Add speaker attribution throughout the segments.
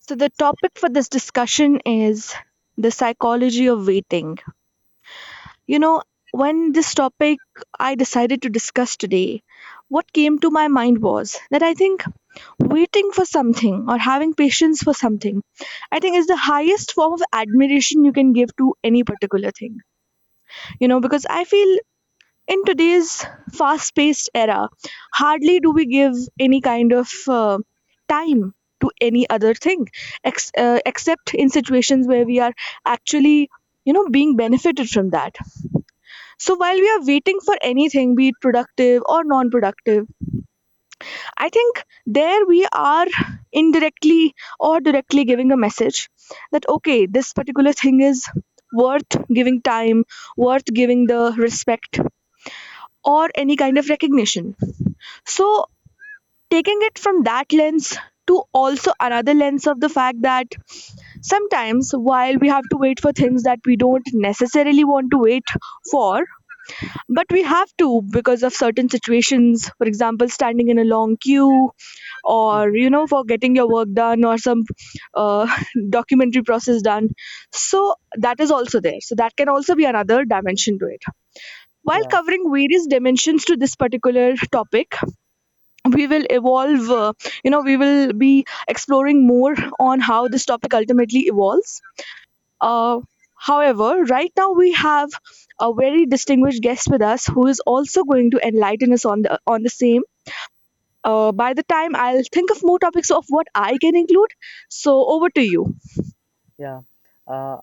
Speaker 1: So, the topic for this discussion is the psychology of waiting. You know, when this topic I decided to discuss today, what came to my mind was that I think waiting for something or having patience for something, I think is the highest form of admiration you can give to any particular thing. You know, because I feel in today's fast paced era, hardly do we give any kind of time to any other thing, except in situations where we are actually being benefited from that. So while we are waiting for anything, be it productive or non productive, I think there we are indirectly or directly giving a message that, okay, this particular thing is worth giving time, worth giving the respect, or any kind of recognition. So, taking it from that lens to also another lens of the fact that sometimes while we have to wait for things that we don't necessarily want to wait for, but we have to because of certain situations, for example, standing in a long queue or,
Speaker 2: Mhm.
Speaker 1: you know, for getting your work done or some uh, documentary process done. So, that is also there. So, that can also be another dimension to it. While
Speaker 2: Yeah,
Speaker 1: covering various dimensions to this particular topic, we will evolve you know we will be exploring more on how this topic ultimately evolves. Uh, however, right now we have a very distinguished guest with us who is also going to enlighten us on the same. By the time, I'll think of more topics of what I can include. So, over to you.
Speaker 2: yeah. Uh,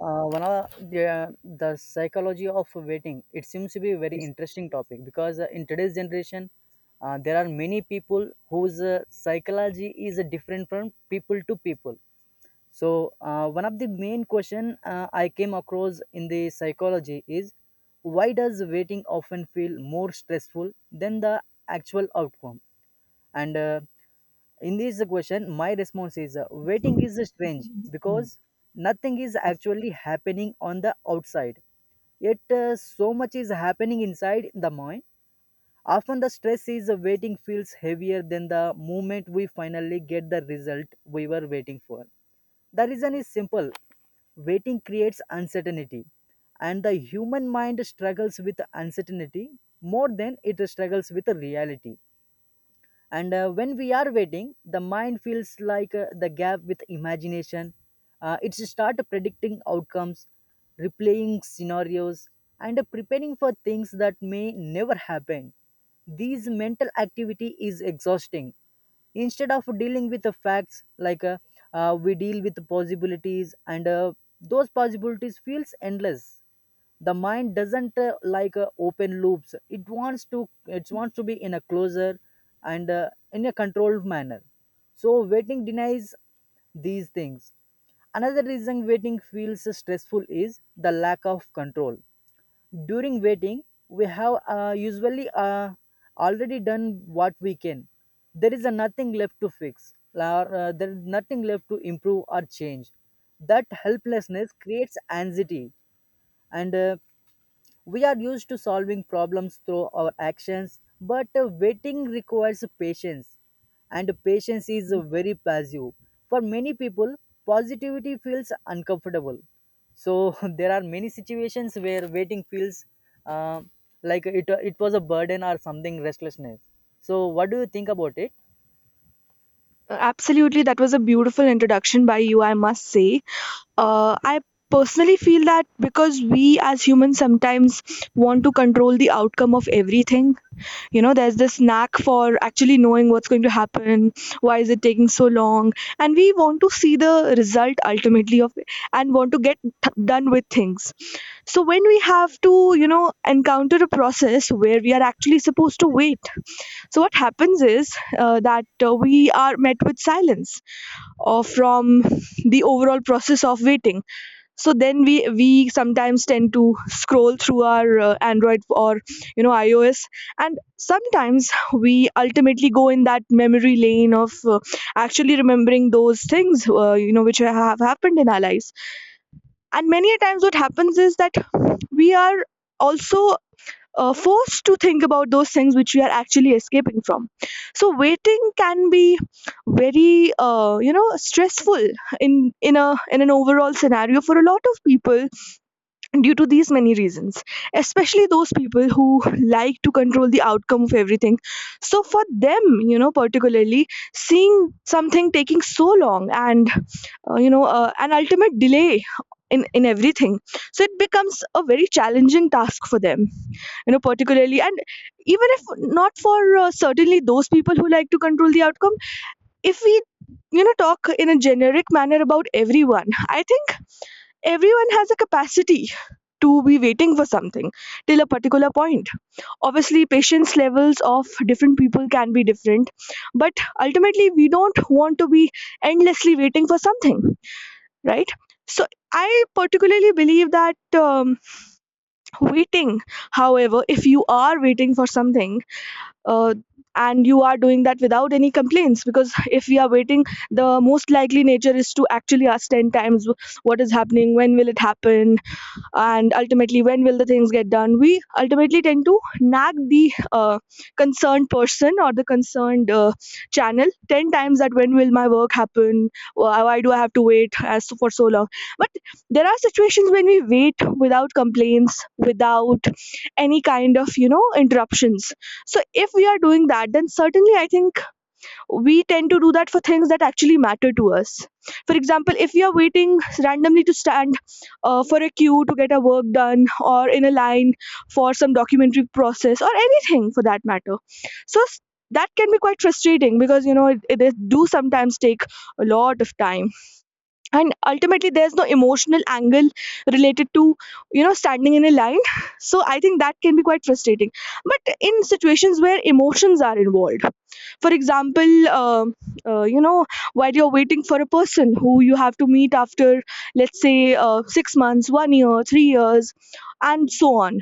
Speaker 2: One of the psychology of waiting, it seems to be a very
Speaker 1: Yes.
Speaker 2: interesting topic because in today's generation, there are many people whose psychology is different from people to people. So one of the main question I came across in the psychology is why does waiting often feel more stressful than the actual outcome? And in this question my response is waiting is strange because nothing is actually happening on the outside, yet so much is happening inside the mind. Often the stress is waiting feels heavier than the moment we finally get the result we were waiting for. The reason is simple. Waiting creates uncertainty, and the human mind struggles with uncertainty more than it struggles with reality. And when we are waiting the mind feels like the gap with imagination. It's start predicting outcomes, replaying scenarios, and preparing for things that may never happen. These mental activity is exhausting. Instead of dealing with the facts, we deal with the possibilities, and those possibilities feels endless. The mind doesn't like open loops. It wants to be in a closer, and in a controlled manner. So waiting denies these things. Another reason waiting feels stressful is the lack of control. During waiting we have usually already done what we can. There is nothing left to fix, or there is nothing left to improve or change. That helplessness creates anxiety. And we are used to solving problems through our actions, but waiting requires patience, and patience is very passive. For many people, positivity feels uncomfortable. So there are many situations where waiting feels uh, like it was a burden or something restlessness. So, what do you think about it?
Speaker 1: Absolutely, that was a beautiful introduction by you, I must say. I personally feel that because we as humans sometimes want to control the outcome of everything. You know, there's this knack for actually knowing what's going to happen, why is it taking so long, and we want to see the result ultimately of it and want to get done with things. So when we have to, you know, encounter a process where we are actually supposed to wait, so what happens is that we are met with silence or from the overall process of waiting. So then we sometimes tend to scroll through our android or, you know, ios, and sometimes we ultimately go in that memory lane of actually remembering those things, which have happened in our lives. And many a times what happens is that we are also forced to think about those things which we are actually escaping from. So waiting can be very, stressful in a in an overall scenario for a lot of people due to these many reasons, especially those people who like to control the outcome of everything. So for them, you know, particularly seeing something taking so long, and an ultimate delay in everything. So it becomes a very challenging task for them, you know, particularly. And even if not for certainly those people who like to control the outcome, if we, you know, talk in a generic manner about everyone, I think everyone has a capacity to be waiting for something till a particular point. Obviously, patience levels of different people can be different, but ultimately, we don't want to be endlessly waiting for something, right? So, I particularly believe that waiting, however, if you are waiting for something, uh, and you are doing that without any complaints, because if we are waiting, the most likely nature is to actually ask 10 times what is happening, when will it happen, and ultimately when will the things get done. We ultimately tend to nag the concerned person or the concerned channel 10 times that, when will my work happen, why do I have to wait as for so long. But there are situations when we wait without complaints, without any kind of, you know, interruptions. So if we are doing that, then certainly I think we tend to do that for things that actually matter to us. For example, if you're waiting randomly to stand for a queue to get a work done, or in a line for some documentary process, or anything for that matter. So that can be quite frustrating because, you know, it do sometimes take a lot of time. And ultimately there's no emotional angle related to, you know, standing in a line. So I think that can be quite frustrating. But in situations where emotions are involved, for example, you know, while you're waiting for a person who you have to meet after, let's say, 6 months, 1 year, 3 years, and so on.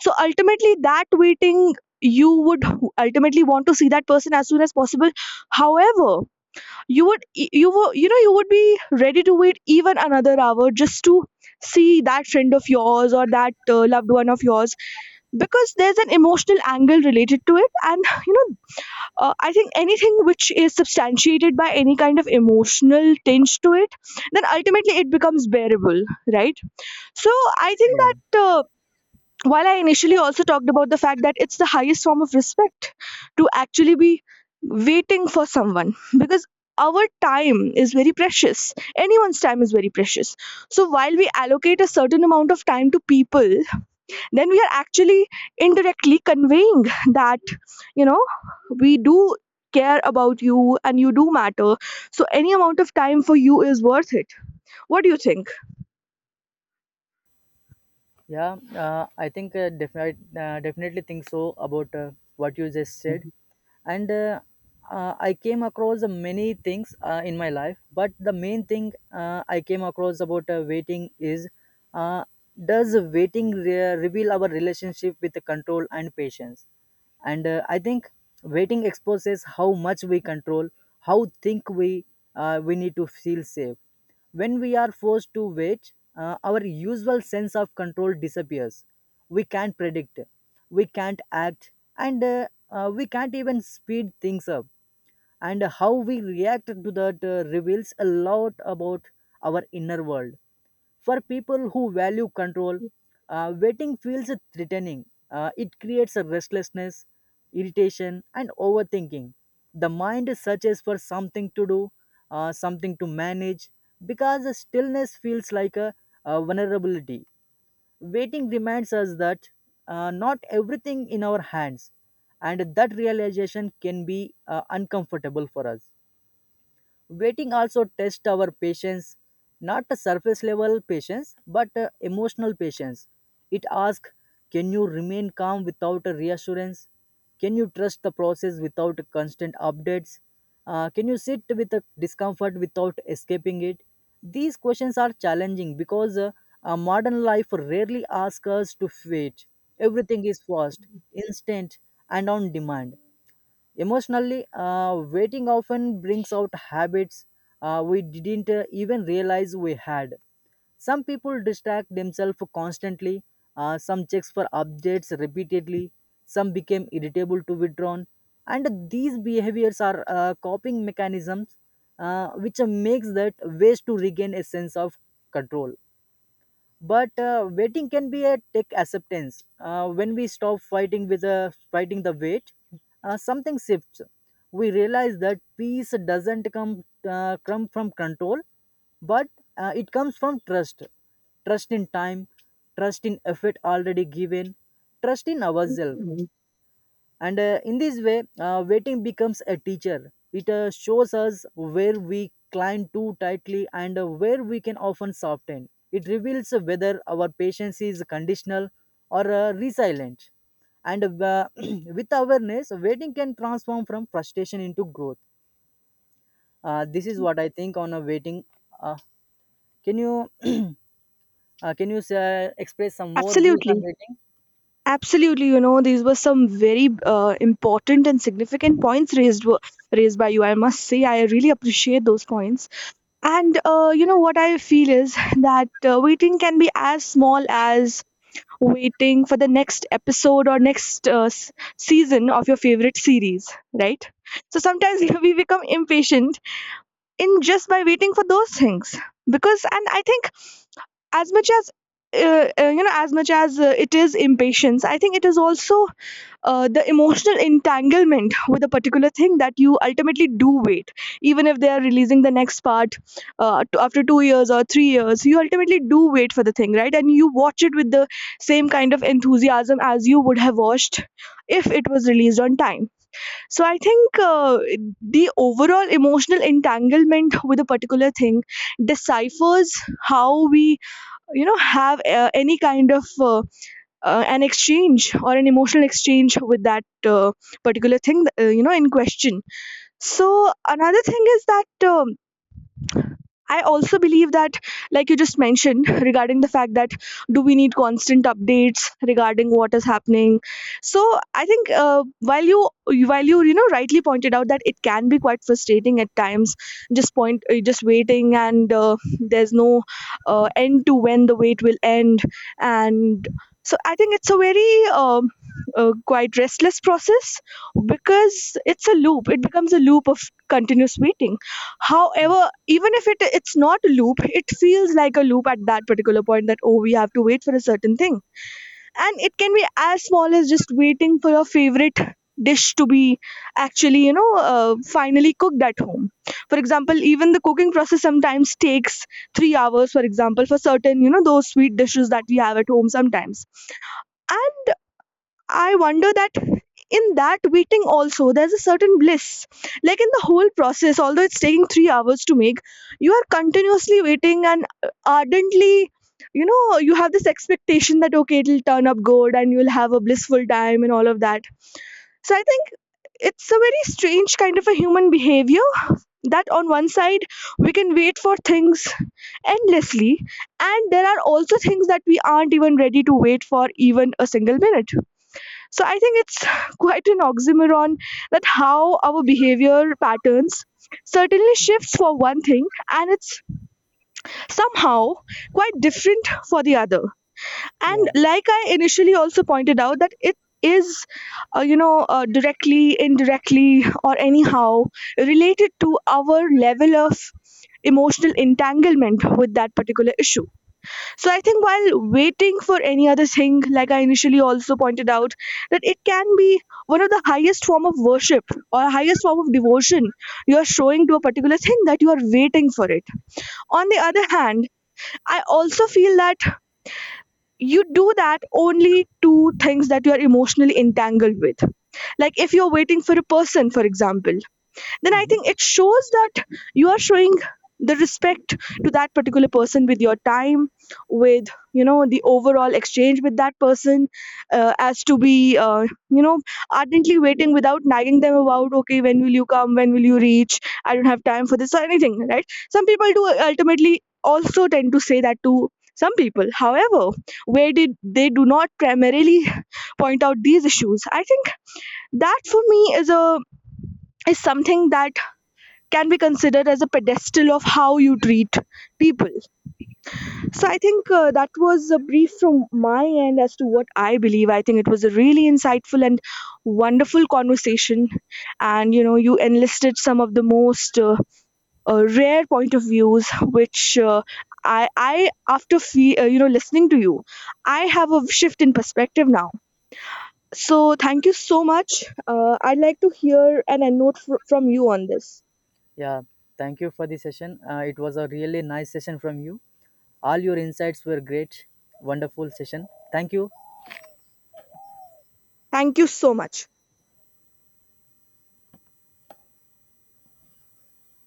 Speaker 1: So ultimately that waiting, you would ultimately want to see that person as soon as possible. However, you would you know, you would be ready to wait even another hour just to see that friend of yours or that loved one of yours. Because there's an emotional angle related to it, and you know, I think anything which is substantiated by any kind of emotional tinge to it, then ultimately it becomes bearable, right? So I think
Speaker 2: Yeah.
Speaker 1: that while I initially also talked about the fact that it's the highest form of respect to actually be waiting for someone, because our time is very precious, anyone's time is very precious. So while we allocate a certain amount of time to people, then we are actually indirectly conveying that, you know, we do care about you and you do matter. So any amount of time for you is worth it. What do you think?
Speaker 2: Yeah, I think definitely think so about what you just said, and I came across many things in my life, but the main thing I came across about waiting is, uh, does waiting reveal our relationship with the control and patience? And I think waiting exposes how much we control, how think we need to feel safe. When we are forced to wait, our usual sense of control disappears. We can't predict, we can't act, and we can't even speed things up. And how we react to that reveals a lot about our inner world. For people who value control, waiting feels threatening. It creates a restlessness, irritation, and overthinking. The mind searches for something to do, something to manage, because the stillness feels like a vulnerability. Waiting reminds us that not everything in our hands, and that realization can be uncomfortable for us. Waiting also tests our patience, not a surface level patience, but emotional patience. It asks, can you remain calm without a reassurance? Can you trust the process without constant updates? Can you sit with the discomfort without escaping it? These questions are challenging because modern life rarely asks us to wait. Everything is fast, instant, and on demand. Emotionally, waiting often brings out habits we didn't even realize we had. Some people distract themselves constantly, some checks for updates repeatedly, some became irritable to withdrawn, and these behaviors are coping mechanisms which makes that ways to regain a sense of control. But waiting can be a tech acceptance. When we stop fighting with the fighting the weight, something shifts. We realize that peace doesn't come from control, but it comes from trust. Trust in time, trust in effort already given, trust in ourselves. And in this way waiting becomes a teacher. It shows us where we climb too tightly, and where we can often soften. It reveals whether our patience is conditional or resilient. And with awareness waiting can transform from frustration into growth. This is what I think on a waiting. uh, can you express some more views on
Speaker 1: Absolutely.
Speaker 2: waiting?
Speaker 1: Absolutely, you know, these were some very important and significant points raised, raised by you, I must say. I really appreciate those points. And you know what I feel is that waiting can be as small as waiting for the next episode or next season of your favorite series, right? So sometimes we become impatient in just by waiting for those things. Because, and I think, as much as you know, as much as it is impatience, I think it is also the emotional entanglement with a particular thing that you ultimately do wait. Even if they are releasing the next part after 2 years or 3 years, you ultimately do wait for the thing, right? And you watch it with the same kind of enthusiasm as you would have watched if it was released on time. So I think the overall emotional entanglement with a particular thing deciphers how we, you know, have any kind of an exchange or an emotional exchange with that particular thing, you know, in question. So another thing is that. I also believe that, like you just mentioned, regarding the fact that, do we need constant updates regarding what is happening? So I think while you know rightly pointed out that it can be quite frustrating at times, just waiting, and there's no end to when the wait will end. And so I think it's a very quite restless process because it's a loop. It becomes a loop of continuous waiting. However, even if it's not a loop, it feels like a loop at that particular point that, oh, we have to wait for a certain thing. And it can be as small as just waiting for your favorite dish to be actually, finally cooked at home. For example, even the cooking process sometimes takes 3 hours, for example, for certain, you know, those sweet dishes that we have at home. Sometimes I wonder that in that waiting also there's a certain bliss. Like in the whole process, although it's taking 3 hours to make, you are continuously waiting and, ardently, you know, you have this expectation that, okay, it'll turn up good and you'll have a blissful time and all of that. So I think it's a very strange kind of a human behavior that on one side we can wait for things endlessly, and there are also things that we aren't even ready to wait for even a single minute. So I think it's quite an oxymoron that how our behavior patterns certainly shifts for one thing and it's somehow quite different for the other. And
Speaker 2: Yeah.
Speaker 1: like I initially also pointed out that it is you know, directly indirectly or anyhow related to our level of emotional entanglement with that particular issue. So I think while waiting for any other thing, like I initially also pointed out, that it can be one of the highest form of worship or highest form of devotion you are showing to a particular thing that you are waiting for it. On the other hand, I also feel that you do that only to things that you are emotionally entangled with. Like if you're waiting for a person, for example, then I
Speaker 2: Mhm.
Speaker 1: think it shows that you are showing the respect to that particular person with your time, with, you know, the overall exchange with that person, as to be you know, ardently waiting without nagging them about, okay, when will you come, when will you reach, I don't have time for this or anything, right? Some people do ultimately also tend to say that to some people. However, where did they do not primarily point out these issues, I think that for me is a is something that can be considered as a pedestal of how you treat people. So I think that was a brief from my end as to what I believe. I think it was a really insightful and wonderful conversation, and you know you enlisted some of the most rare point of views, which I after listening to you, I have a shift in perspective now. So thank you so much. I'd like to hear and a note from you on this.
Speaker 2: Yeah, thank you for the session. It was a really nice session from you. All your insights were great. Wonderful session. Thank you.
Speaker 1: Thank you so much.